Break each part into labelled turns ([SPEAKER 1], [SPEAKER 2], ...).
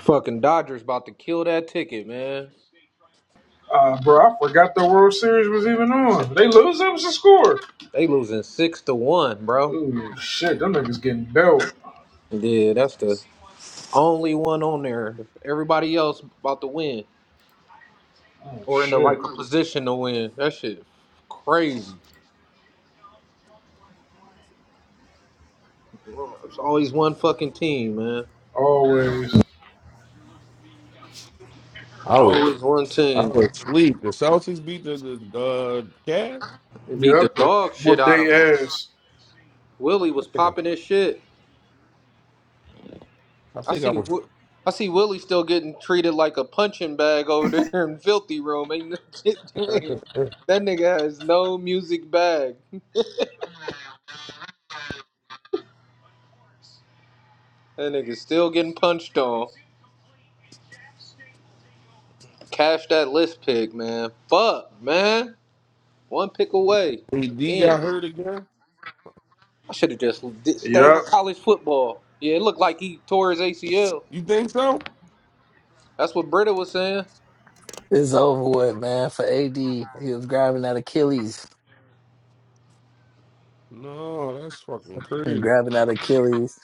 [SPEAKER 1] Fucking Dodgers about to kill that ticket, man.
[SPEAKER 2] Uh, bro, I forgot the World Series was even on. They lose, that was the score.
[SPEAKER 1] They losing six to one, bro.
[SPEAKER 2] Ooh, shit, them niggas getting belt.
[SPEAKER 1] Yeah, that's the only one on there. Everybody else about to win
[SPEAKER 2] Oh,
[SPEAKER 1] or in the like
[SPEAKER 2] shit.
[SPEAKER 1] a position to win. That shit crazy. It's always one fucking team, man.
[SPEAKER 2] Always.
[SPEAKER 3] I was
[SPEAKER 1] Always one
[SPEAKER 3] I
[SPEAKER 1] team.
[SPEAKER 3] was asleep. The Celtics beat the, the uh, Cavs.
[SPEAKER 1] They beat the
[SPEAKER 2] Yep, they
[SPEAKER 1] dog shit
[SPEAKER 2] whoop
[SPEAKER 1] out
[SPEAKER 2] they
[SPEAKER 1] of them.
[SPEAKER 2] ass.
[SPEAKER 1] Willie was
[SPEAKER 3] Yeah,
[SPEAKER 1] popping his shit.
[SPEAKER 3] I
[SPEAKER 1] I
[SPEAKER 3] think I
[SPEAKER 1] see.
[SPEAKER 3] was.
[SPEAKER 1] Wi- I see Willie still getting treated like a punching bag over there in filthy room. Ain't no
[SPEAKER 3] AD
[SPEAKER 1] shit. That nigga has no music bag. That nigga still getting punched on. Cash that list pick, man. Fuck, man. One pick away. Again,
[SPEAKER 3] got hurt again.
[SPEAKER 1] I should have just did, stayed with
[SPEAKER 2] Yep.
[SPEAKER 1] college football. Yeah, it looked like he tore his ACL.
[SPEAKER 3] You think so?
[SPEAKER 1] That's what Britta was saying.
[SPEAKER 4] It's over with, man. For AD, he was grabbing at Achilles.
[SPEAKER 3] No, that's fucking
[SPEAKER 4] He was
[SPEAKER 3] crazy.
[SPEAKER 4] grabbing at Achilles.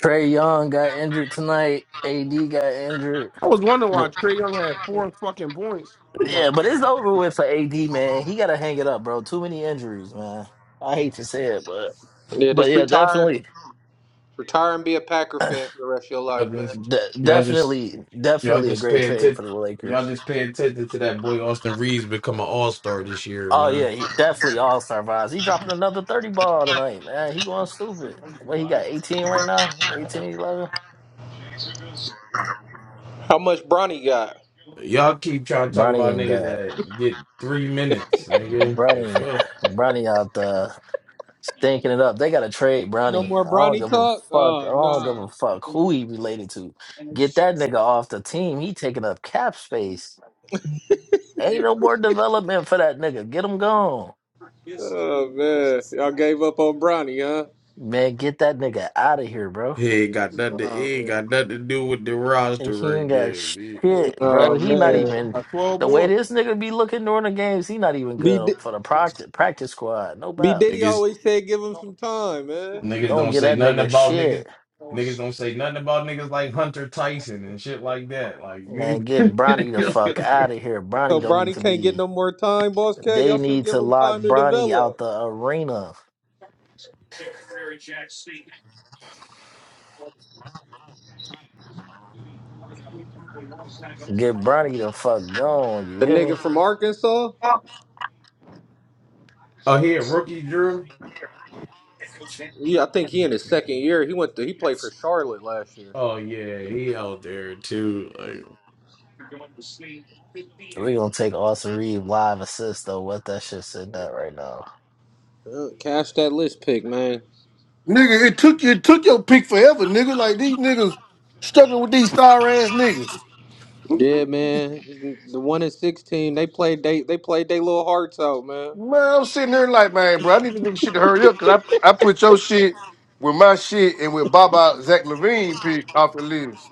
[SPEAKER 4] Trey Young got injured tonight. AD got injured.
[SPEAKER 3] I was wondering why
[SPEAKER 4] But
[SPEAKER 3] Trey Young had four fucking points. I'm like,
[SPEAKER 4] yeah, but it's over with for AD, man. He got to hang it up, bro. Too many injuries, man. I hate to say it, but
[SPEAKER 1] Yeah,
[SPEAKER 4] but
[SPEAKER 1] just
[SPEAKER 4] yeah,
[SPEAKER 1] retire,
[SPEAKER 4] definitely,
[SPEAKER 1] retire and be a Packer fan for the rest of your life,
[SPEAKER 5] Y'all
[SPEAKER 1] man.
[SPEAKER 5] just,
[SPEAKER 4] de-
[SPEAKER 5] y'all just,
[SPEAKER 4] definitely,
[SPEAKER 5] y'all
[SPEAKER 4] definitely a
[SPEAKER 5] just
[SPEAKER 4] great
[SPEAKER 5] pay
[SPEAKER 4] trade
[SPEAKER 5] attention.
[SPEAKER 4] for the
[SPEAKER 5] Y'all
[SPEAKER 4] Lakers.
[SPEAKER 5] just pay attention to that boy Austin Reeves become an all star this year,
[SPEAKER 4] Oh yeah,
[SPEAKER 5] man.
[SPEAKER 4] he definitely all star vibes. He dropping another thirty ball tonight, man. He going stupid. What he got? Eighteen right now? 18, 11.
[SPEAKER 1] How much Bronny got?
[SPEAKER 5] Y'all keep trying to talk
[SPEAKER 4] Bronny
[SPEAKER 5] about
[SPEAKER 4] ain't
[SPEAKER 5] niggas
[SPEAKER 4] got.
[SPEAKER 5] that get three minutes, nigga. The
[SPEAKER 4] Brownie,
[SPEAKER 5] fuck.
[SPEAKER 4] Brownie out there stinking it up. They got to trade
[SPEAKER 1] No
[SPEAKER 4] Brownie.
[SPEAKER 1] more
[SPEAKER 4] I don't
[SPEAKER 1] Bronny
[SPEAKER 4] give a
[SPEAKER 1] talk.
[SPEAKER 4] fuck. I
[SPEAKER 1] Oh
[SPEAKER 4] don't give
[SPEAKER 1] nah.
[SPEAKER 4] a fuck who he related to. Get that nigga off the team. He taking up cap space. Ain't no more development for that nigga. Get him gone.
[SPEAKER 1] Oh man, y'all gave up on Bronny, huh?
[SPEAKER 4] Man, get that nigga out of here, bro.
[SPEAKER 5] He ain't got nothing. To, he
[SPEAKER 1] Oh
[SPEAKER 5] ain't
[SPEAKER 1] man.
[SPEAKER 5] got nothing to do with the
[SPEAKER 4] And
[SPEAKER 5] roster
[SPEAKER 4] he
[SPEAKER 5] right
[SPEAKER 4] ain't got
[SPEAKER 5] now, man.
[SPEAKER 4] shit,
[SPEAKER 3] that
[SPEAKER 4] bro.
[SPEAKER 1] Oh
[SPEAKER 4] He
[SPEAKER 3] nigga
[SPEAKER 4] not
[SPEAKER 3] man,
[SPEAKER 1] man.
[SPEAKER 4] even
[SPEAKER 3] by twelve
[SPEAKER 4] the way
[SPEAKER 3] board.
[SPEAKER 4] this nigga be looking during the games. He not even
[SPEAKER 1] B,
[SPEAKER 4] good
[SPEAKER 1] D-
[SPEAKER 4] for the practice practice squad. No
[SPEAKER 1] B
[SPEAKER 4] doubt.
[SPEAKER 1] Diddy
[SPEAKER 5] Niggas,
[SPEAKER 1] always said give him some time, man.
[SPEAKER 5] niggas
[SPEAKER 4] Don't
[SPEAKER 5] don't
[SPEAKER 4] get
[SPEAKER 5] say
[SPEAKER 4] that
[SPEAKER 5] nothing
[SPEAKER 4] nigga
[SPEAKER 5] about
[SPEAKER 4] shit.
[SPEAKER 5] niggas. Niggas don't say nothing about niggas like Hunter Tyson and shit like that. Like, nigga.
[SPEAKER 4] Man, get Bronny the fuck out of here.
[SPEAKER 1] So
[SPEAKER 4] Bronny don't need
[SPEAKER 1] Bronny
[SPEAKER 4] to
[SPEAKER 1] can't get no
[SPEAKER 4] be.
[SPEAKER 1] more time, boss cat.
[SPEAKER 4] They
[SPEAKER 1] Y'all should
[SPEAKER 4] need
[SPEAKER 1] give
[SPEAKER 4] to
[SPEAKER 1] him
[SPEAKER 4] lock
[SPEAKER 1] time to
[SPEAKER 4] Bronny out
[SPEAKER 1] develop.
[SPEAKER 4] the arena. Get Bronny the fuck gone. You
[SPEAKER 1] The
[SPEAKER 4] hear
[SPEAKER 1] nigga
[SPEAKER 4] me?
[SPEAKER 1] from Arkansas.
[SPEAKER 5] oh, he a rookie, Drew.
[SPEAKER 1] Yeah, I think he in his second year. He went to he played for Charlotte last year.
[SPEAKER 5] Oh yeah, he out there too. like
[SPEAKER 4] We gonna take Austin Reed live assist though. What that shit sitting at right now?
[SPEAKER 1] Uh, Cash that list pick, man.
[SPEAKER 6] Nigga, it took it took your pick forever, nigga. Like these niggas struggling with these star ass niggas.
[SPEAKER 1] Yeah, man. The one in sixteen, they played they they played they little hearts out, man.
[SPEAKER 6] Man, I'm sitting here like, man, bro, I need this nigga shit to hurry up because I I put your shit with my shit and with Baba Zach Levine pick off the list.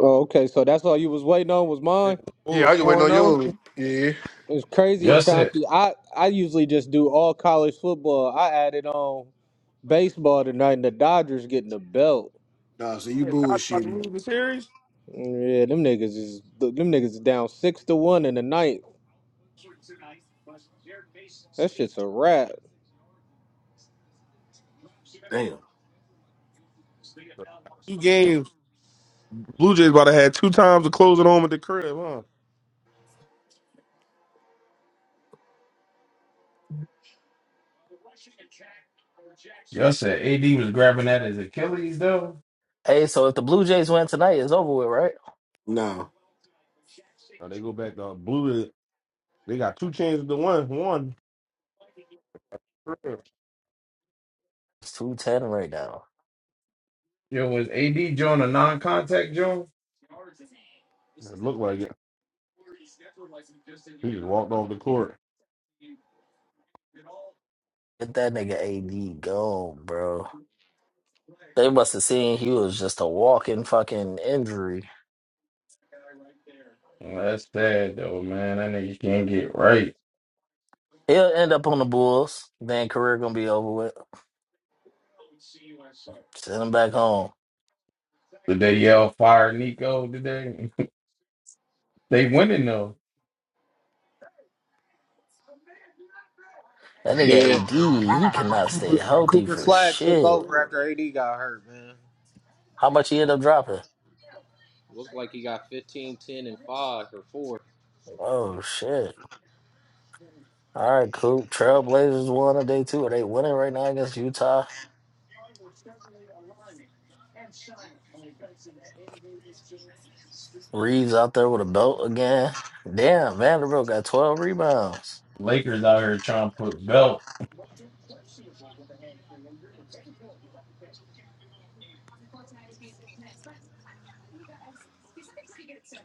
[SPEAKER 1] Oh, okay. So that's all you was waiting on was
[SPEAKER 3] And
[SPEAKER 1] mine.
[SPEAKER 3] the
[SPEAKER 6] Yeah,
[SPEAKER 3] Bulls
[SPEAKER 6] I just
[SPEAKER 3] four
[SPEAKER 6] waiting
[SPEAKER 3] and
[SPEAKER 6] on
[SPEAKER 3] zero.
[SPEAKER 6] yours. Yeah.
[SPEAKER 1] It's crazy
[SPEAKER 5] Y'all
[SPEAKER 1] as
[SPEAKER 5] said
[SPEAKER 1] Chauncey. I I usually just do all college football. I added on baseball tonight, and the Dodgers getting the belt.
[SPEAKER 6] Nah, so you
[SPEAKER 3] Yeah, Dodgers about to
[SPEAKER 6] bullshitting.
[SPEAKER 3] lose the series.
[SPEAKER 1] Yeah, them niggas is them niggas is down six to one in the ninth. That shit's a wrap.
[SPEAKER 6] Damn.
[SPEAKER 3] Two games. Blue Jays about to have two times to close it home at the crib, huh?
[SPEAKER 5] y'all said AD was grabbing at his Achilles though.
[SPEAKER 4] Hey, so if the Blue Jays win tonight, it's over with, right?
[SPEAKER 6] Wow.
[SPEAKER 3] Now they go back to Blue. Jays. They got two chances to win. One. It
[SPEAKER 4] It's two ten right now.
[SPEAKER 5] Yo, was AD joint a non-contact joint?
[SPEAKER 3] looked like it. He just walked off the court.
[SPEAKER 4] Get that nigga AD gone, bro. They must have seen he was just a walking fucking injury.
[SPEAKER 5] Well, that's sad though, man. That nigga can't get right.
[SPEAKER 4] He'll end up on the Bulls. Then career gonna be over with. Send him back home.
[SPEAKER 5] Did they yell fire Nico today? they winning though.
[SPEAKER 4] That nigga
[SPEAKER 1] Yeah,
[SPEAKER 4] AD, he cannot stay
[SPEAKER 1] Cooper,
[SPEAKER 4] healthy
[SPEAKER 1] Cooper
[SPEAKER 4] for
[SPEAKER 1] Flag took
[SPEAKER 4] shit.
[SPEAKER 1] over after AD got hurt, man.
[SPEAKER 4] How much he end up dropping?
[SPEAKER 1] Looked like he got 15, 10, and five or four.
[SPEAKER 4] Oh shit. All right, cool. Trailblazers won on day two. Are they winning right now against Utah? Reeves out there with a belt again. Damn, Vanderbilt got 12 rebounds.
[SPEAKER 5] Lakers out here trying to put belt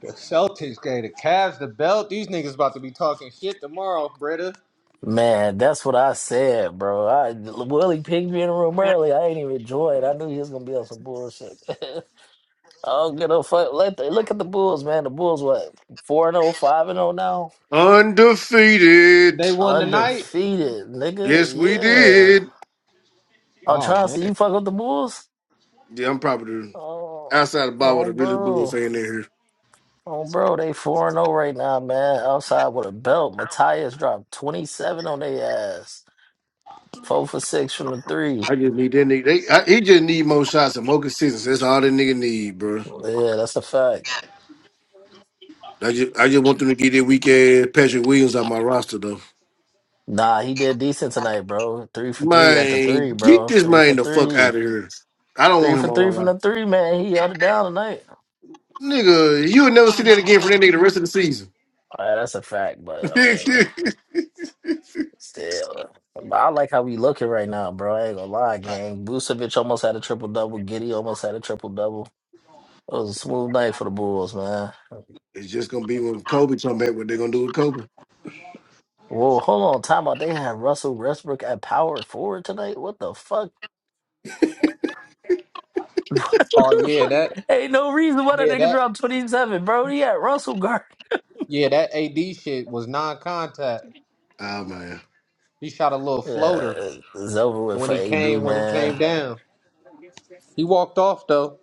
[SPEAKER 1] The Celtics gave the Cavs the belt. These niggas about to be talking shit tomorrow, Britta.
[SPEAKER 4] Man, that's what I said, bro. I Willie pinged me in the room early. I ain't even joined. I knew he was gonna be on some bullshit. I don't give a fuck. Let the, look at the Bulls, man. The Bulls what four and oh, five and oh now?
[SPEAKER 6] Undefeated.
[SPEAKER 1] They won tonight.
[SPEAKER 4] Undefeated, nigga.
[SPEAKER 6] Yes, we
[SPEAKER 4] Yeah.
[SPEAKER 6] did.
[SPEAKER 4] Oh,
[SPEAKER 1] Oh
[SPEAKER 4] trying to
[SPEAKER 1] man.
[SPEAKER 4] see you fuck with the Bulls?
[SPEAKER 6] Yeah, I'm probably the-
[SPEAKER 4] Oh,
[SPEAKER 6] outside of Baba
[SPEAKER 4] oh,
[SPEAKER 6] the really bull
[SPEAKER 4] bro.
[SPEAKER 6] fan there.
[SPEAKER 4] Oh, bro. They 4 and 0 right now, man. Outside with a belt. Matthias dropped 27 on their ass. Four for six from the three.
[SPEAKER 6] I just need that nigga. They, I, he just need more shots and more consistency. That's all that nigga need, bro.
[SPEAKER 4] Yeah, that's a fact.
[SPEAKER 6] I just, I just want them to get their weak ass Patrick Williams on my roster, though.
[SPEAKER 4] Nah, he did decent tonight, bro. Three for three at the
[SPEAKER 6] Man,
[SPEAKER 4] three,
[SPEAKER 6] get
[SPEAKER 4] bro.
[SPEAKER 6] this
[SPEAKER 4] Three for
[SPEAKER 6] man the fuck
[SPEAKER 4] three.
[SPEAKER 6] out of here. I don't
[SPEAKER 4] Three
[SPEAKER 6] want
[SPEAKER 4] for
[SPEAKER 6] him on my
[SPEAKER 4] three from
[SPEAKER 6] roster.
[SPEAKER 4] the three, man. He held it down tonight.
[SPEAKER 6] Nigga, you will never see that again from that nigga the rest of the season.
[SPEAKER 4] All right, that's a fact, but I mean.
[SPEAKER 6] it's
[SPEAKER 4] Still, but I like how we looking right now, bro. I ain't gonna lie, gang. Vucevic almost had a triple double. Giddy almost had a triple double. It was a smooth night for the Bulls, man.
[SPEAKER 6] just gonna be when Kobe come back. What they gonna do with Kobe?
[SPEAKER 4] Whoa, hold on, time out. They had Russell Westbrook at power forward tonight. What the fuck? What
[SPEAKER 1] Oh
[SPEAKER 4] the
[SPEAKER 1] yeah,
[SPEAKER 4] fuck?
[SPEAKER 1] that
[SPEAKER 4] ain't no reason why that
[SPEAKER 1] yeah
[SPEAKER 4] nigga
[SPEAKER 1] that
[SPEAKER 4] dropped twenty seven, bro. He had Russell guard.
[SPEAKER 1] yeah that AD shit was non-contact.
[SPEAKER 6] Oh man,
[SPEAKER 1] He shot a little
[SPEAKER 4] Yeah,
[SPEAKER 1] floater
[SPEAKER 4] it's it's over with
[SPEAKER 1] when
[SPEAKER 4] for
[SPEAKER 1] he
[SPEAKER 4] AD,
[SPEAKER 1] came when he came
[SPEAKER 4] man.
[SPEAKER 1] down. He walked off though.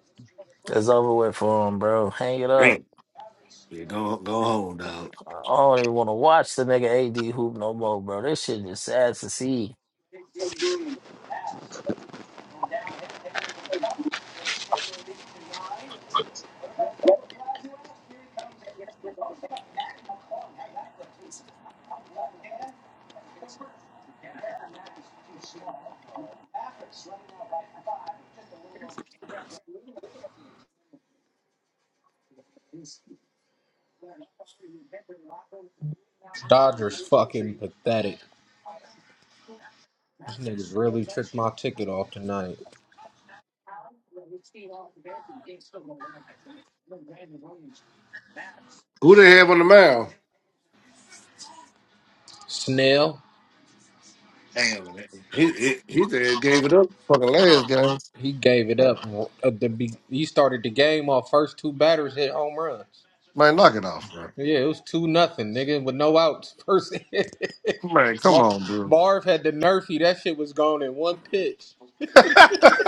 [SPEAKER 4] It's over with for him, bro. Hang it up.
[SPEAKER 6] damn. Yeah, go go home, dog.
[SPEAKER 4] I don't even want to watch the nigga AD hoop no more, bro. This shit is sad to see.
[SPEAKER 1] Dodgers fucking pathetic. These niggas really tricked my ticket off tonight.
[SPEAKER 6] Who they have on the mound?
[SPEAKER 1] Snell,
[SPEAKER 6] He he, he said gave it up fucking last game.
[SPEAKER 1] he gave it up. At the be- he started the game off first two batters hit home runs.
[SPEAKER 6] Man, knock it off, bro.
[SPEAKER 1] Yeah, it was two nothing, nigga, with no outs. First, hit.
[SPEAKER 6] Man, come
[SPEAKER 1] Mar-
[SPEAKER 6] on, bro.
[SPEAKER 1] Marv had the nerfy. That shit was gone in one pitch.
[SPEAKER 6] that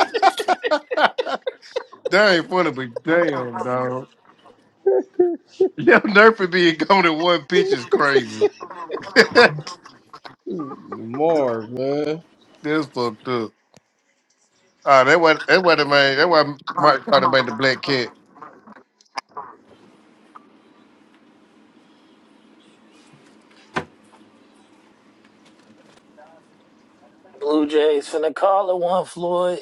[SPEAKER 6] ain't funny, but damn, dog. Yeah, nerfing being gone in one pitch is crazy. That's
[SPEAKER 1] Marv, man.
[SPEAKER 6] fucked up. Ah, that why that why the man that why Mike Carter made the black cat.
[SPEAKER 4] Blue Jays finna call it one, Floyd.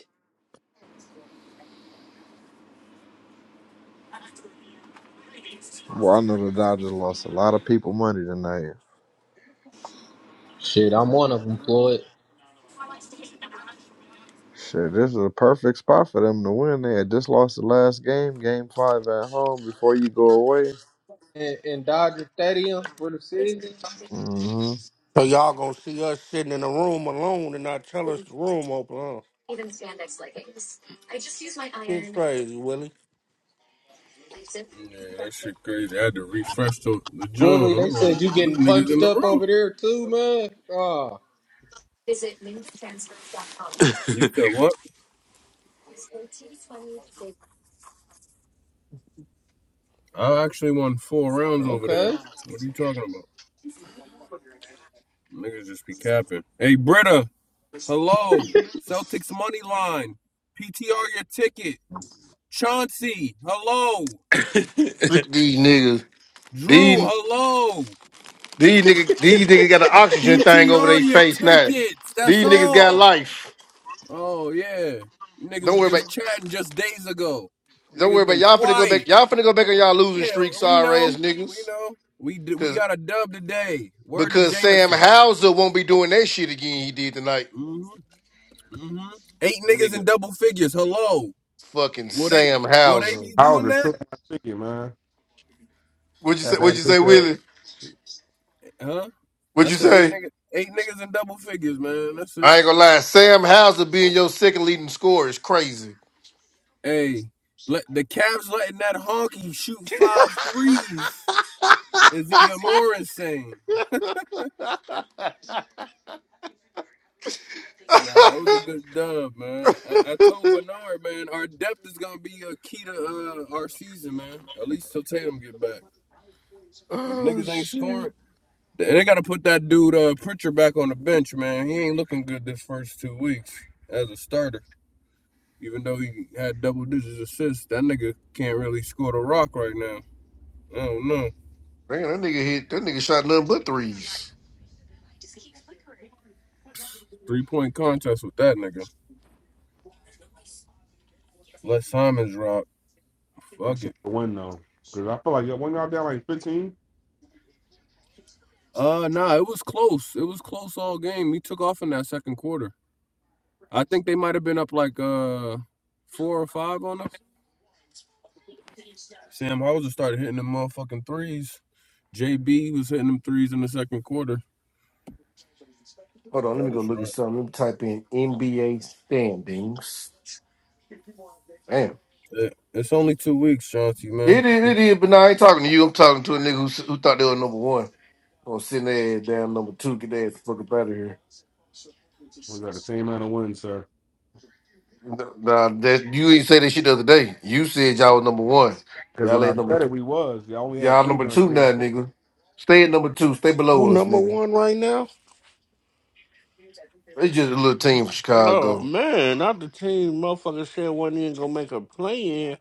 [SPEAKER 7] Well, I know the Dodgers lost a lot of people money tonight.
[SPEAKER 1] Shit, I'm one of them, Floyd.
[SPEAKER 7] Shit, this is a perfect spot for them to win. They had just lost the last game, game five at home, before you go away.
[SPEAKER 1] In, in Dodger Stadium for the season,
[SPEAKER 7] hmm
[SPEAKER 8] So y'all gonna see us sitting in a room alone and not tell us the room open, huh? It's crazy, Willie.
[SPEAKER 9] Yeah, that shit crazy. I had to refresh the, the joint.
[SPEAKER 1] Willie, they
[SPEAKER 9] Like,
[SPEAKER 1] said you getting
[SPEAKER 9] these niggas in
[SPEAKER 1] punched
[SPEAKER 9] the
[SPEAKER 1] up
[SPEAKER 9] room.
[SPEAKER 1] over there too, man. Oh,
[SPEAKER 9] You said what? I actually won four rounds over there.
[SPEAKER 1] okay.
[SPEAKER 9] What are you talking about? Niggas just be capping. Hey, Britta. Hello. Celtics money line. PTR your ticket. Chauncey. Hello.
[SPEAKER 6] Look at these niggas.
[SPEAKER 9] Drew.
[SPEAKER 6] These
[SPEAKER 9] Hello.
[SPEAKER 6] these niggas these niggas got an oxygen thing over
[SPEAKER 9] PTR
[SPEAKER 6] their
[SPEAKER 9] your
[SPEAKER 6] face now.
[SPEAKER 9] tickets. That's
[SPEAKER 6] These niggas got
[SPEAKER 9] all.
[SPEAKER 6] life.
[SPEAKER 9] Oh yeah. You
[SPEAKER 6] Don't
[SPEAKER 9] niggas was
[SPEAKER 6] worry about
[SPEAKER 9] just chatting just days ago.
[SPEAKER 6] don't worry
[SPEAKER 9] Niggas
[SPEAKER 6] about
[SPEAKER 9] been
[SPEAKER 6] y'all finna go
[SPEAKER 9] quiet.
[SPEAKER 6] back y'all finna go back on y'all losing
[SPEAKER 9] Yeah,
[SPEAKER 6] streak,
[SPEAKER 9] we
[SPEAKER 6] sorry ass
[SPEAKER 9] know. We
[SPEAKER 6] niggas.
[SPEAKER 9] know. We d- we got a dub today. Word to
[SPEAKER 6] Because Sam
[SPEAKER 9] Jameson.
[SPEAKER 6] Hauser won't be doing that shit again he did tonight.
[SPEAKER 9] hmm hmm Eight niggas in
[SPEAKER 6] Nigga.
[SPEAKER 9] double figures. Hello.
[SPEAKER 6] Fucking
[SPEAKER 9] Will they
[SPEAKER 6] Sam
[SPEAKER 9] will they
[SPEAKER 6] Hauser.
[SPEAKER 9] be
[SPEAKER 3] I was
[SPEAKER 9] doing
[SPEAKER 3] just
[SPEAKER 9] that?
[SPEAKER 3] took my ticket, man.
[SPEAKER 6] What'd you say?
[SPEAKER 3] At
[SPEAKER 6] What'd
[SPEAKER 3] that
[SPEAKER 6] you say,
[SPEAKER 3] bitch ass.
[SPEAKER 6] Willie?
[SPEAKER 9] Huh?
[SPEAKER 6] What'd
[SPEAKER 9] I
[SPEAKER 6] you
[SPEAKER 9] said eight
[SPEAKER 6] say?
[SPEAKER 9] niggas eight niggas in double figures, man. That's it.
[SPEAKER 6] I ain't gonna lie, Sam Hauser being your second leading scorer is crazy.
[SPEAKER 9] Hey, let the Cavs letting that honky shoot five threes is even more insane. Nah, that was a good dub, man. I, I told Bernard, man, our depth is gonna be a key to uh, our season, man. At least till Tatum get back. If
[SPEAKER 6] Oh
[SPEAKER 9] niggas ain't
[SPEAKER 6] shit.
[SPEAKER 9] scoring, they gotta put that dude uh Pritchard back on the bench, man. He ain't looking good this first two weeks as a starter. Even though he had double digits assists, that nigga can't really score the rock right now. I don't know.
[SPEAKER 6] Man, that nigga hit that nigga shot nothing but threes.
[SPEAKER 9] Three point contest with that nigga. Let Simons rock.
[SPEAKER 3] I
[SPEAKER 9] Fuck
[SPEAKER 3] said
[SPEAKER 9] it.
[SPEAKER 3] the window. Because I feel like y'all- when y'all down like 15,
[SPEAKER 9] Uh nah, it was close. It was close all game. He took off in that second quarter. I think they might have been up like uh four or five on us. Sam Hauser started hitting them motherfucking threes. JB was hitting them threes in the second quarter.
[SPEAKER 6] Hold on, let
[SPEAKER 9] Yeah,
[SPEAKER 6] me go
[SPEAKER 9] that's
[SPEAKER 6] look at
[SPEAKER 9] right.
[SPEAKER 6] something. Let me type in NBA standings. Damn.
[SPEAKER 9] Yeah, It's only two weeks, Chauncey, man.
[SPEAKER 6] It is, it is, but now I ain't talking to you. I'm talking to a nigga who, who thought they were number one. I'm gonna send their ass down number two, get their ass the fuck up out of here.
[SPEAKER 3] we got the same amount of wins, sir.
[SPEAKER 6] No, Nah, that you ain't say that shit the other day. You said y'all was number one.
[SPEAKER 3] Because
[SPEAKER 6] Y'all
[SPEAKER 3] when I
[SPEAKER 6] ain't number
[SPEAKER 3] said
[SPEAKER 6] Two.
[SPEAKER 3] it, we was. Y'all only had
[SPEAKER 6] y'all
[SPEAKER 3] three
[SPEAKER 6] number
[SPEAKER 3] wins.
[SPEAKER 6] two
[SPEAKER 3] We had
[SPEAKER 6] now, nigga. Stay at number two. Stay
[SPEAKER 8] Who
[SPEAKER 6] below us,
[SPEAKER 8] number
[SPEAKER 6] nigga.
[SPEAKER 8] one right now?
[SPEAKER 6] It's just a little team from
[SPEAKER 8] Oh
[SPEAKER 6] Chicago.
[SPEAKER 8] man, not the team motherfucker said wasn't even gonna make a play in.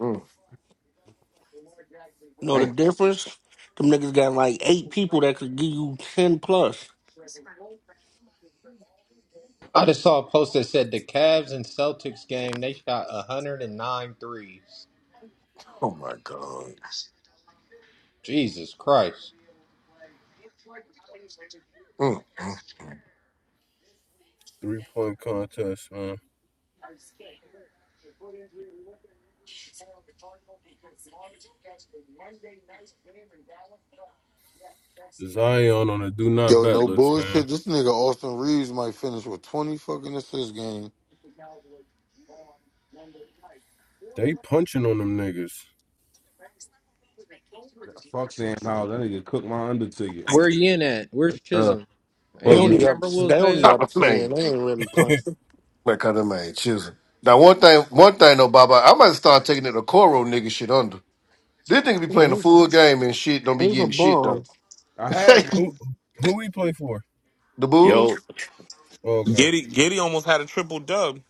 [SPEAKER 6] Mm,
[SPEAKER 8] Know the
[SPEAKER 6] damn.
[SPEAKER 8] difference? Them niggas got like eight people that could give you ten plus.
[SPEAKER 1] I just saw a post that said the Cavs and Celtics game, they shot 109 threes.
[SPEAKER 6] Oh my god.
[SPEAKER 1] Jesus Christ.
[SPEAKER 6] Mm, mm.
[SPEAKER 9] Three point contest, man. Zion on a do not
[SPEAKER 10] Yo,
[SPEAKER 9] bet
[SPEAKER 10] no
[SPEAKER 9] list, man.
[SPEAKER 10] bullshit. This nigga Austin Reeves might finish with 20 fucking assists game.
[SPEAKER 9] They punching on them niggas.
[SPEAKER 3] Fuck Sam Howell. That nigga cooked my under ticket.
[SPEAKER 1] Where you in at? Where's
[SPEAKER 3] Uh,
[SPEAKER 1] Chisholm? Ain't
[SPEAKER 8] They
[SPEAKER 3] fuck
[SPEAKER 1] he a
[SPEAKER 3] me.
[SPEAKER 8] only up
[SPEAKER 1] Timberwolves
[SPEAKER 8] they
[SPEAKER 1] fan?
[SPEAKER 8] only up
[SPEAKER 6] Call the
[SPEAKER 8] ten.
[SPEAKER 6] name.
[SPEAKER 8] They ain't really punching.
[SPEAKER 6] Man, call the man. Chisel. Now one thing, one thing though, Baba, I might start taking it a Coro nigga shit under. This nigga be playing the
[SPEAKER 8] He's,
[SPEAKER 6] full game and shit. Don't be
[SPEAKER 8] he's a
[SPEAKER 6] getting shit
[SPEAKER 8] bum.
[SPEAKER 6] though.
[SPEAKER 3] I had my.
[SPEAKER 6] the
[SPEAKER 9] Who who he play for?
[SPEAKER 6] Bulls,
[SPEAKER 11] Yo,
[SPEAKER 9] Oh, okay.
[SPEAKER 11] Giddy Giddy almost had a triple dub.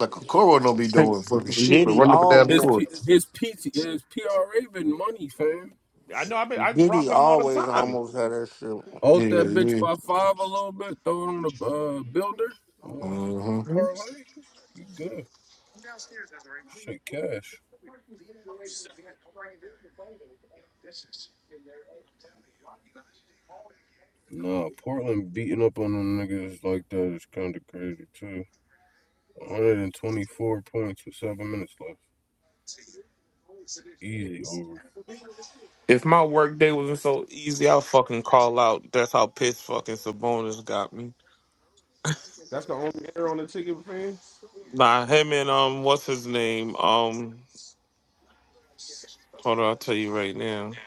[SPEAKER 6] like a Coro don't be
[SPEAKER 8] Like,
[SPEAKER 6] doing fucking
[SPEAKER 9] Mhm.
[SPEAKER 6] shit, but
[SPEAKER 8] Diddy
[SPEAKER 6] running up and down the
[SPEAKER 9] His
[SPEAKER 8] almost
[SPEAKER 6] court.
[SPEAKER 9] P, his PT his PRA been money, fam.
[SPEAKER 11] I know I been, I rock
[SPEAKER 8] Diddy
[SPEAKER 11] with him all the
[SPEAKER 8] always
[SPEAKER 11] time.
[SPEAKER 8] almost had that shit
[SPEAKER 6] Yeah,
[SPEAKER 9] Out that bitch
[SPEAKER 6] yeah.
[SPEAKER 9] by five a little bit, throw it on the uh, builder, uh,
[SPEAKER 6] hmm
[SPEAKER 9] parlay. You good? Shit, cash. Nah, Portland beating up on them niggas like that is kind of crazy too. 124 points with seven minutes left. Easy over.
[SPEAKER 11] If my work day wasn't so easy, I'll fucking call out. That's how pissed fucking Sabonis got me.
[SPEAKER 3] That's the only error on the ticket, man.
[SPEAKER 11] Nah, him and um, what's his name? Um, hold on, I'll tell you right now.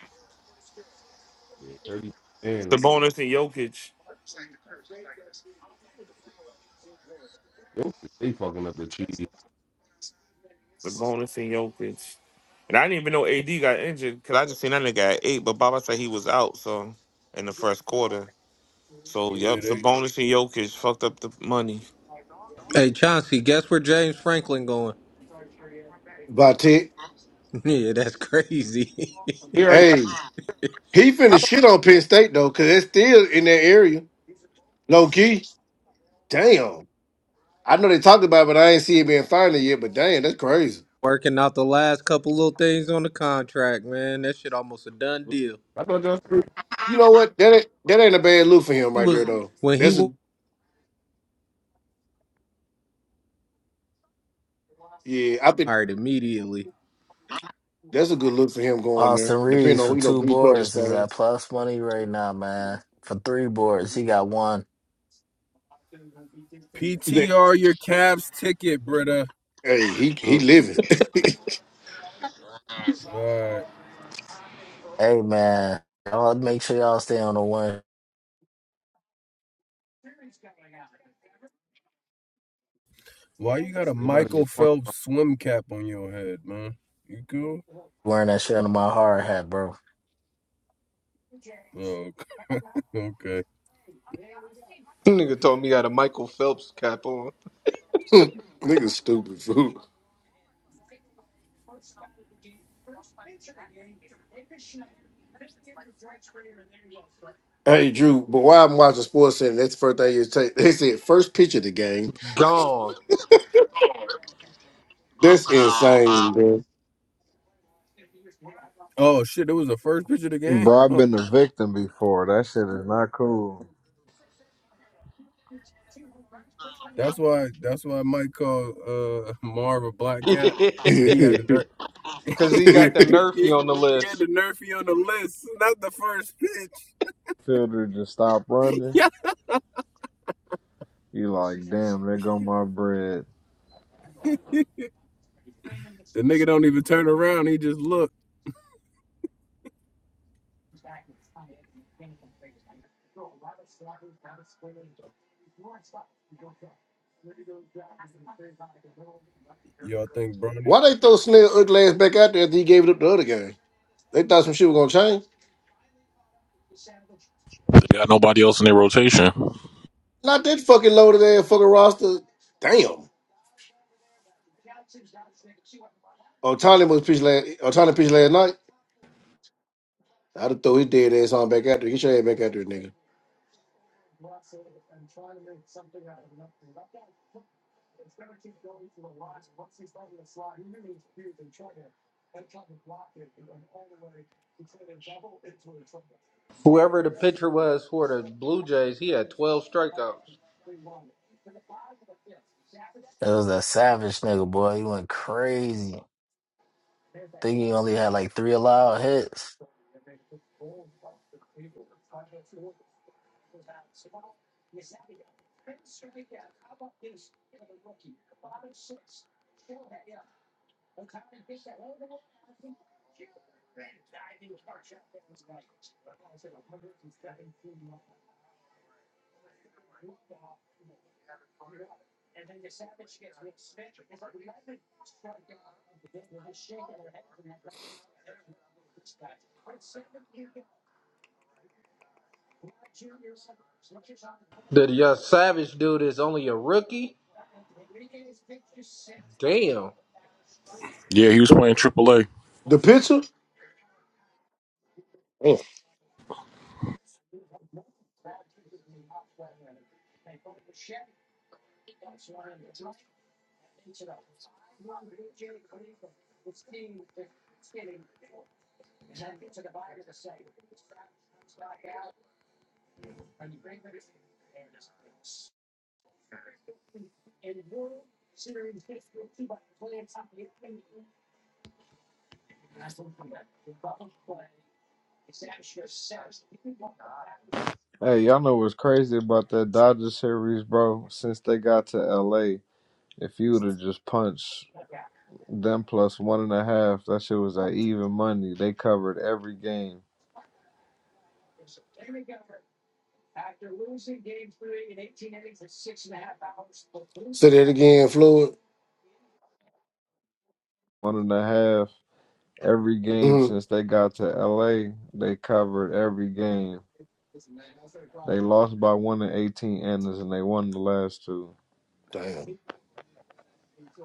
[SPEAKER 3] Yeah, 30. Man, like,
[SPEAKER 11] Sabonis and Jokic.
[SPEAKER 3] yo, they fucking up the cheese.
[SPEAKER 11] Sabonis and Jokic. And I didn't even know AD got injured because I just seen that nigga at eight. But Baba said he was out. So in the first quarter. So yep,
[SPEAKER 9] Yeah, they
[SPEAKER 11] Sabonis and Jokic fucked up the money.
[SPEAKER 1] Hey, Chauncey, guess where James Franklin going?
[SPEAKER 6] About ten.
[SPEAKER 1] yeah, that's crazy.
[SPEAKER 3] Here, I
[SPEAKER 6] Hey, he finna
[SPEAKER 3] got.
[SPEAKER 6] shit on Penn State though, cause it's still in that area. Low key. Damn. I know they talking about, it, but I ain't see it being final yet. But damn, that's crazy.
[SPEAKER 1] Working out the last couple little things on the contract, man. That shit almost a done deal.
[SPEAKER 3] I thought y'all screwed.
[SPEAKER 6] You know what? That ain't, that ain't a bad look for him
[SPEAKER 1] He
[SPEAKER 6] right there
[SPEAKER 1] was,
[SPEAKER 6] though.
[SPEAKER 1] when he
[SPEAKER 6] That's a
[SPEAKER 1] was
[SPEAKER 6] yeah. I think
[SPEAKER 1] hired immediately.
[SPEAKER 6] that's a good look for him going
[SPEAKER 4] Austin
[SPEAKER 6] there. Depending
[SPEAKER 4] Reeves
[SPEAKER 6] on
[SPEAKER 4] for
[SPEAKER 6] who you know
[SPEAKER 4] two
[SPEAKER 6] who you put on the
[SPEAKER 4] boards is
[SPEAKER 6] stars.
[SPEAKER 4] at plus money right now, man. For three boards, he got one.
[SPEAKER 6] You think-
[SPEAKER 9] PTR your Cavs ticket, Britta.
[SPEAKER 6] Hey, he he living.
[SPEAKER 9] Alright.
[SPEAKER 4] Hey, man, y'all make sure y'all stay on the one
[SPEAKER 9] Why you got a
[SPEAKER 3] They about to
[SPEAKER 9] Michael
[SPEAKER 3] get punched.
[SPEAKER 9] Phelps swim cap on your head, man? You cool?
[SPEAKER 4] wearing that shit under my hard hat, bro.
[SPEAKER 9] Oh, okay.
[SPEAKER 1] Nigga told me he had a Michael Phelps cap on.
[SPEAKER 6] Nigga stupid fool. Hey Drew, but while I'm watching Sports Center, that's the first thing you take. They said first pitch of the game.
[SPEAKER 1] Gone.
[SPEAKER 6] That's insane, bro.
[SPEAKER 9] Oh shit, it was the first pitch of the game.
[SPEAKER 7] Bro, I've been a victim before. That shit is not cool.
[SPEAKER 9] That's why. That's why Mike called uh, Marv a black cat. He had the nerf.
[SPEAKER 1] Cause he got the nerfy
[SPEAKER 9] He,
[SPEAKER 1] on the
[SPEAKER 9] he
[SPEAKER 1] list.
[SPEAKER 9] had the nerfy on the list. Not the first pitch.
[SPEAKER 7] Fielder just stopped running.
[SPEAKER 9] Yeah.
[SPEAKER 7] You like, damn, there go my bread.
[SPEAKER 9] The nigga don't even turn around. He just look. Y'all think Bronny?
[SPEAKER 6] Why they throw Snell ugly ass back out there after he gave it up the other game? They thought some shit was gonna change.
[SPEAKER 12] They got nobody else in their rotation.
[SPEAKER 6] Not that fucking loaded ass fucking roster. Damn. Otani was pitched last. Otani pitched last night. I'd have throw his dead ass on back out there. Get your ass back out there, nigga.
[SPEAKER 1] Whoever the pitcher was for the Blue Jays, he had 12 strikeouts.
[SPEAKER 4] That was that savage nigga, boy. He went crazy. Think he only had like three allowed hits.
[SPEAKER 1] Did young Savage dude is only a rookie? Damn.
[SPEAKER 12] Yeah, he was playing AAA.
[SPEAKER 6] The pitcher. Damn.
[SPEAKER 7] Hey, y'all know what's crazy about that Dodgers series, bro? Since they got to LA, if you would have just punched them plus one and a half, that shit was at even money. They covered every game.
[SPEAKER 6] Say that again, Floyd.
[SPEAKER 7] one and a half every game
[SPEAKER 6] hmm
[SPEAKER 7] since they got to LA. They covered every game. They lost by one and eighteen innings, and they won the last two.
[SPEAKER 6] Damn.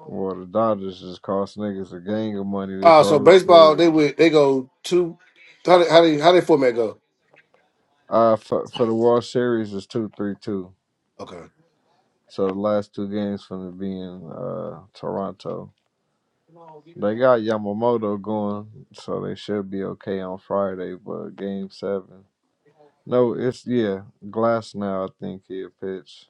[SPEAKER 7] Well, the Dodgers just cost niggas a gang of money this
[SPEAKER 6] Ah, so
[SPEAKER 7] whole
[SPEAKER 6] baseball they
[SPEAKER 7] series.
[SPEAKER 6] would they go two. How they, how they how they format go?
[SPEAKER 7] Uh, for, for the World Series it's two three two.
[SPEAKER 6] Okay.
[SPEAKER 7] So the last two games from the being uh Toronto. They got Yamamoto going, so they should be okay on Friday. But Game Seven, no, it's yeah Glass now. I think he'll pitch.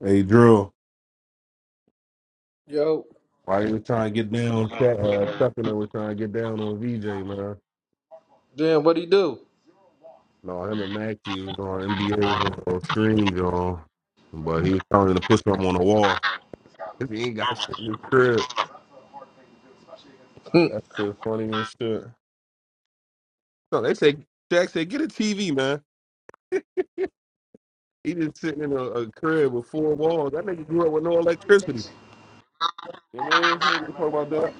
[SPEAKER 3] Hey, Drew.
[SPEAKER 1] Yo,
[SPEAKER 3] Why you were trying to get down, Chuck, uh, Chuck and I were trying to get down on VJ, man.
[SPEAKER 1] damn, what'd he do?
[SPEAKER 3] No, him and Maxie was on NBA on on stream, y'all. But he was trying to push him on the wall. If He ain't got shit in his crib.
[SPEAKER 1] Hmm,
[SPEAKER 3] That's the funniest shit. So they say, Jack said, get a TV, man. He just sitting in a, a crib with four walls. That nigga grew up with no electricity. You know what I mean? He don't talk about that.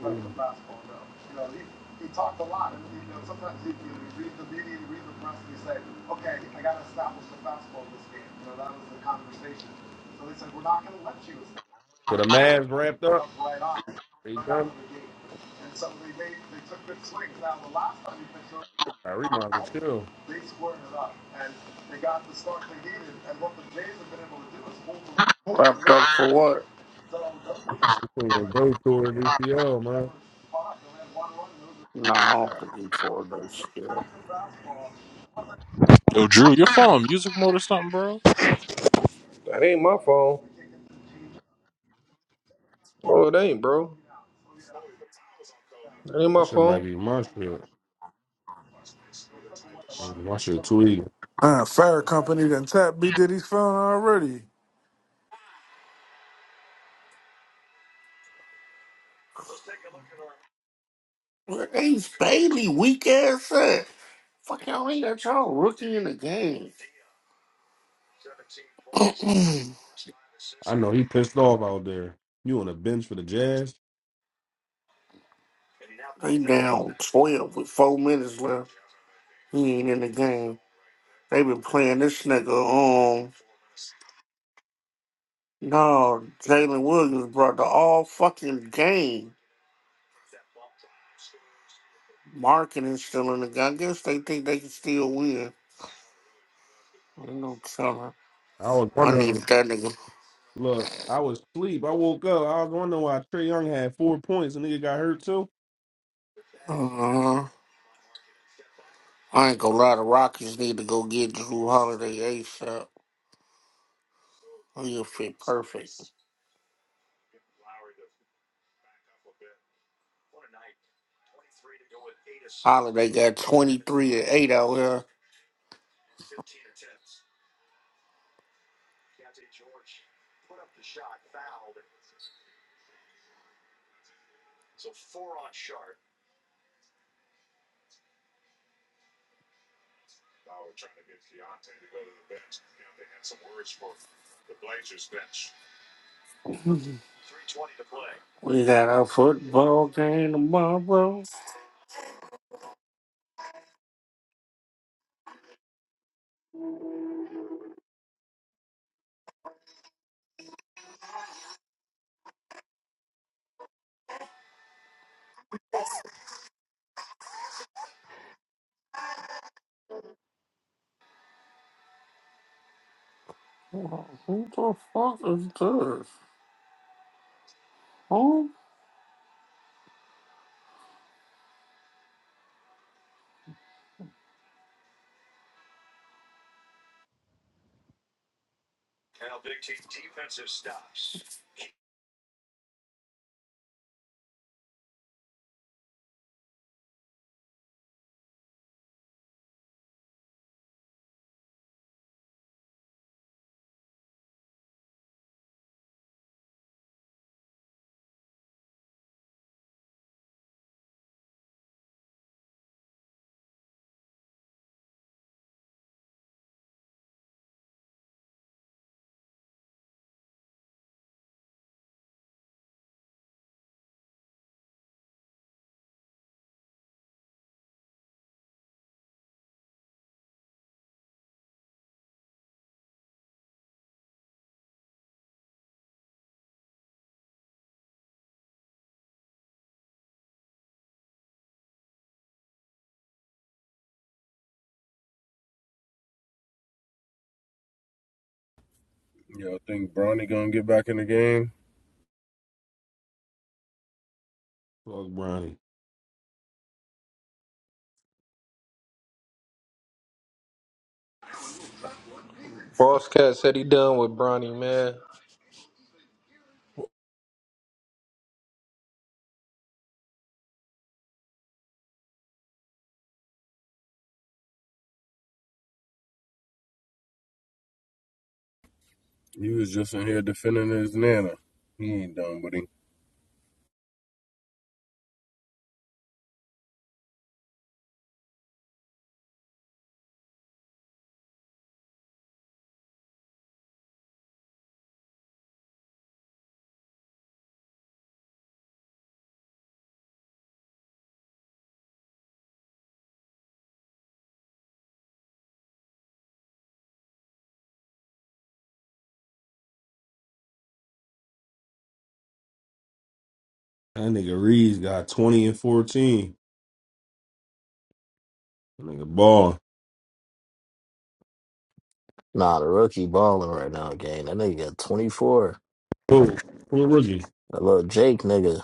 [SPEAKER 3] So the Mavs ramped up. They done. I read my chill.
[SPEAKER 8] wrapped up for what?
[SPEAKER 3] This thing is Bro tour DCL, man.
[SPEAKER 8] No, I don't think he tore that shit up.
[SPEAKER 12] Yo, Drew, your phone on music mode or something, bro?
[SPEAKER 1] that ain't my phone. Oh, it ain't, bro. That ain't
[SPEAKER 3] That
[SPEAKER 1] my
[SPEAKER 3] shit might
[SPEAKER 1] phone.
[SPEAKER 3] be my shit. Mm, My shit too easy.
[SPEAKER 2] Uh, fire company done tapped B Diddy's phone already.
[SPEAKER 8] Where Ace Bailey weak ass at? Fuck y'all ain't got y'all rookie in the game.
[SPEAKER 3] I know he pissed off out there. You on the bench for the Jazz?
[SPEAKER 8] they down twelve with four minutes left. He ain't in the game. They been playing this nigga on. No, Jalen Williams brought the all fucking game. Marking is still in the game. I guess they think they can still win. I Ain't no telling.
[SPEAKER 3] I was
[SPEAKER 8] I
[SPEAKER 3] wondering.
[SPEAKER 8] needed that nigga.
[SPEAKER 3] Look, I was asleep. I woke up. I was wondering why Trey Young had four points. and nigga got hurt too.
[SPEAKER 8] Uh huh. I ain't gonna lie, the Rockets need to go get Drew Holiday ASAP. He'll fit perfect. Holiday got 23 and 8 out here. We got a football game tomorrow. Who the fuck is this? Who?
[SPEAKER 9] Y'all think Bronny gonna get back in the game?
[SPEAKER 3] Fuck Bronny.
[SPEAKER 1] Boss Cat said he done with Bronny, man.
[SPEAKER 9] He was just in here defending his nana. He ain't done what he
[SPEAKER 3] That nigga Reeves got twenty and fourteen. That nigga ball.
[SPEAKER 4] Nah, the rookie balling right now, gang. That nigga got 24.
[SPEAKER 3] Who? Who a rookie?
[SPEAKER 4] That little Jake nigga.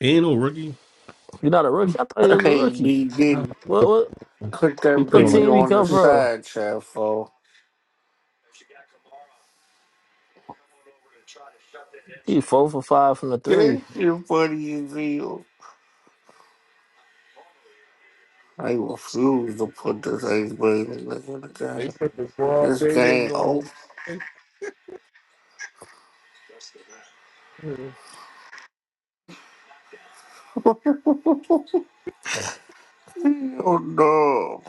[SPEAKER 3] He ain't no rookie.
[SPEAKER 4] You not a rookie? I thought he was a
[SPEAKER 8] Hey,
[SPEAKER 4] rookie.
[SPEAKER 8] B
[SPEAKER 3] Uh,
[SPEAKER 8] didn't
[SPEAKER 4] What what
[SPEAKER 8] put that
[SPEAKER 3] He played
[SPEAKER 4] what
[SPEAKER 3] on like
[SPEAKER 8] video
[SPEAKER 4] team he
[SPEAKER 8] on the
[SPEAKER 4] come from?
[SPEAKER 8] side chat for.
[SPEAKER 4] He four for five from the three.
[SPEAKER 8] That shit funny as hell. I refuse to put this eighth grade nigga in the
[SPEAKER 3] they
[SPEAKER 8] game.
[SPEAKER 3] put the ball.
[SPEAKER 8] This
[SPEAKER 3] They nigga
[SPEAKER 8] game over.
[SPEAKER 3] on.
[SPEAKER 8] Oh no.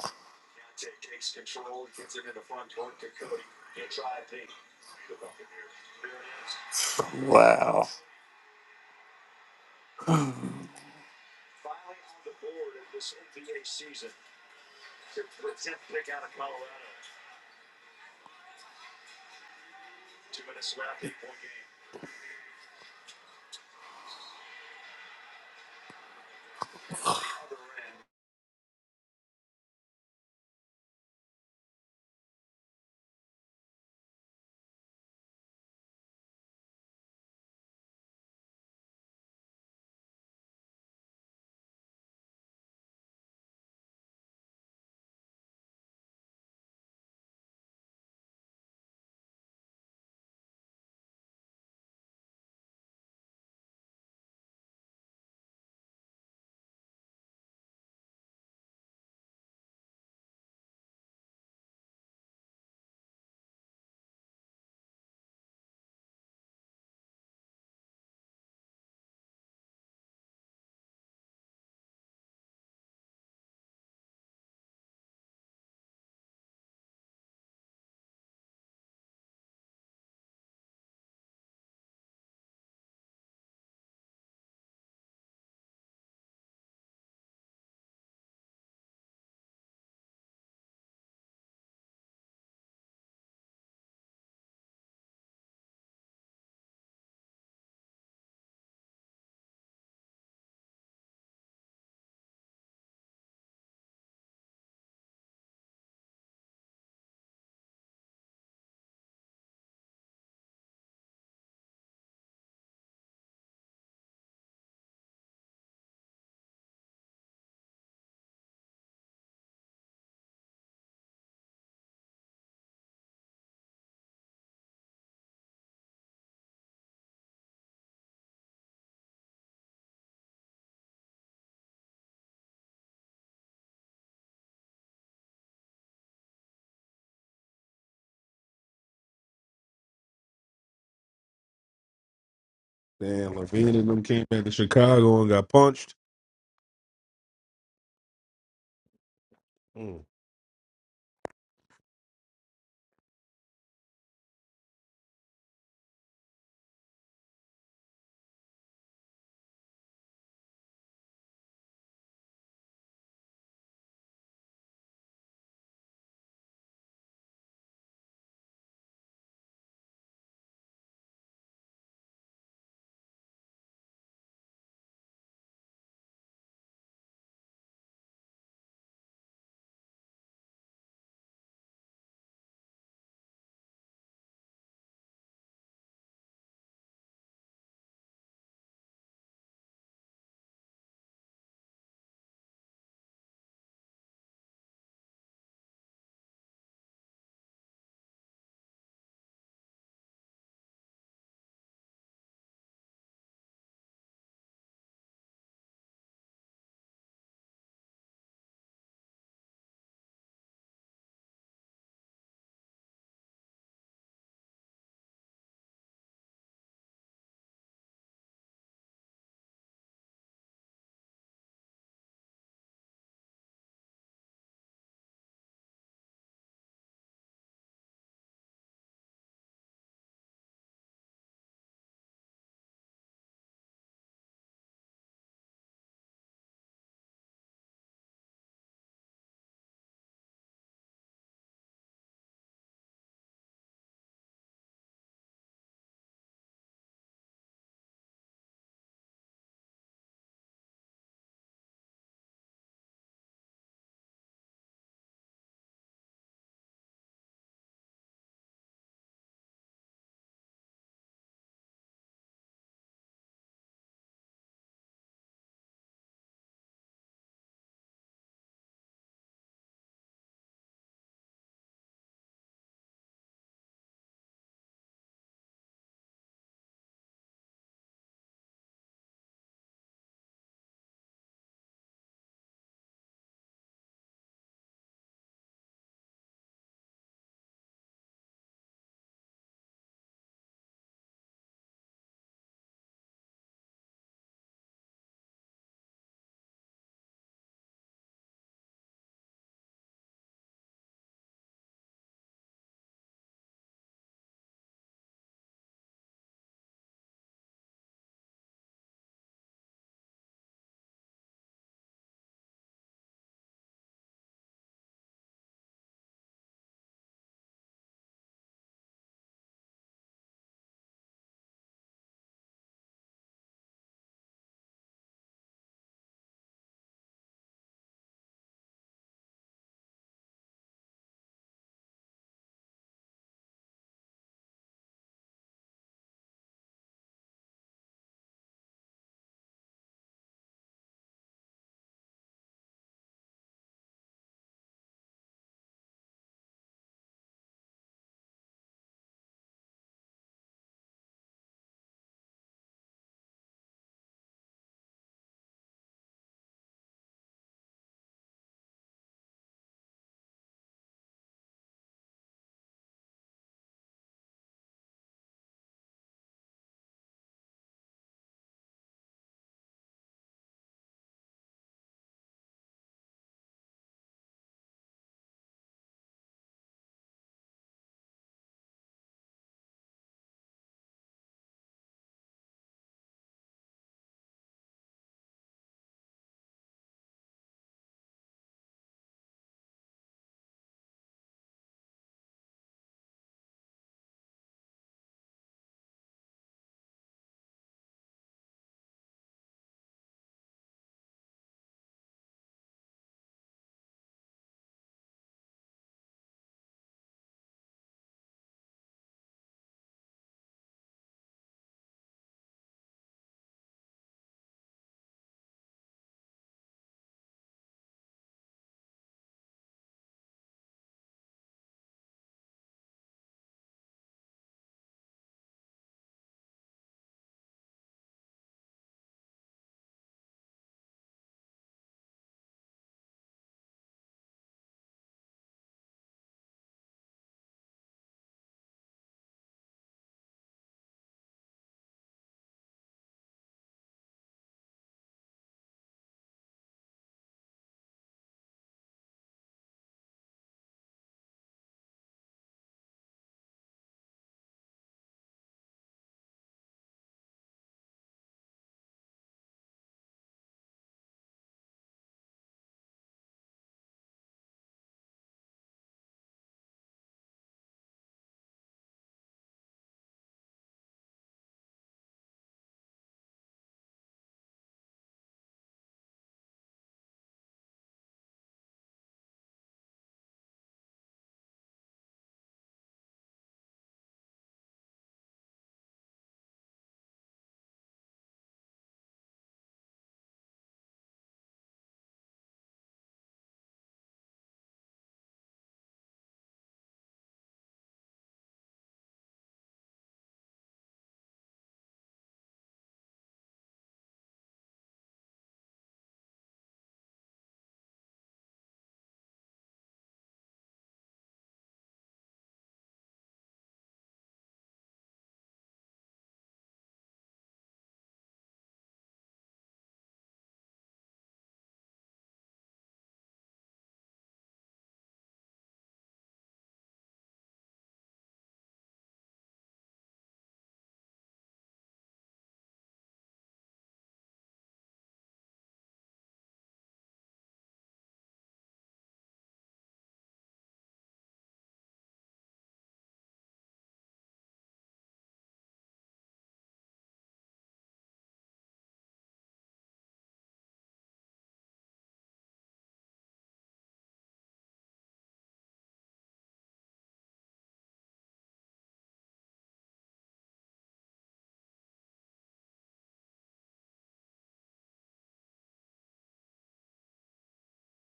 [SPEAKER 8] Wow.
[SPEAKER 3] Damn, Levine and them came back to Chicago and got punched. Mm.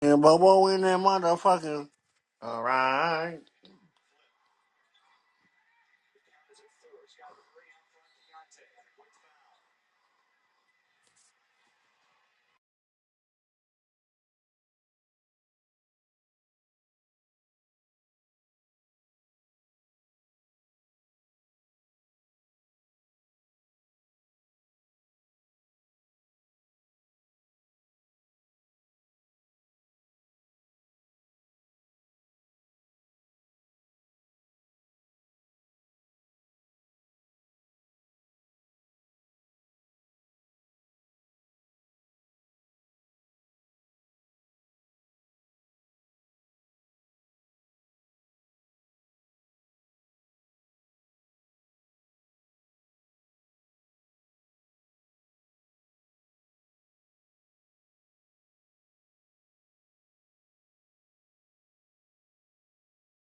[SPEAKER 8] And Bobo in that motherfucker. Alright.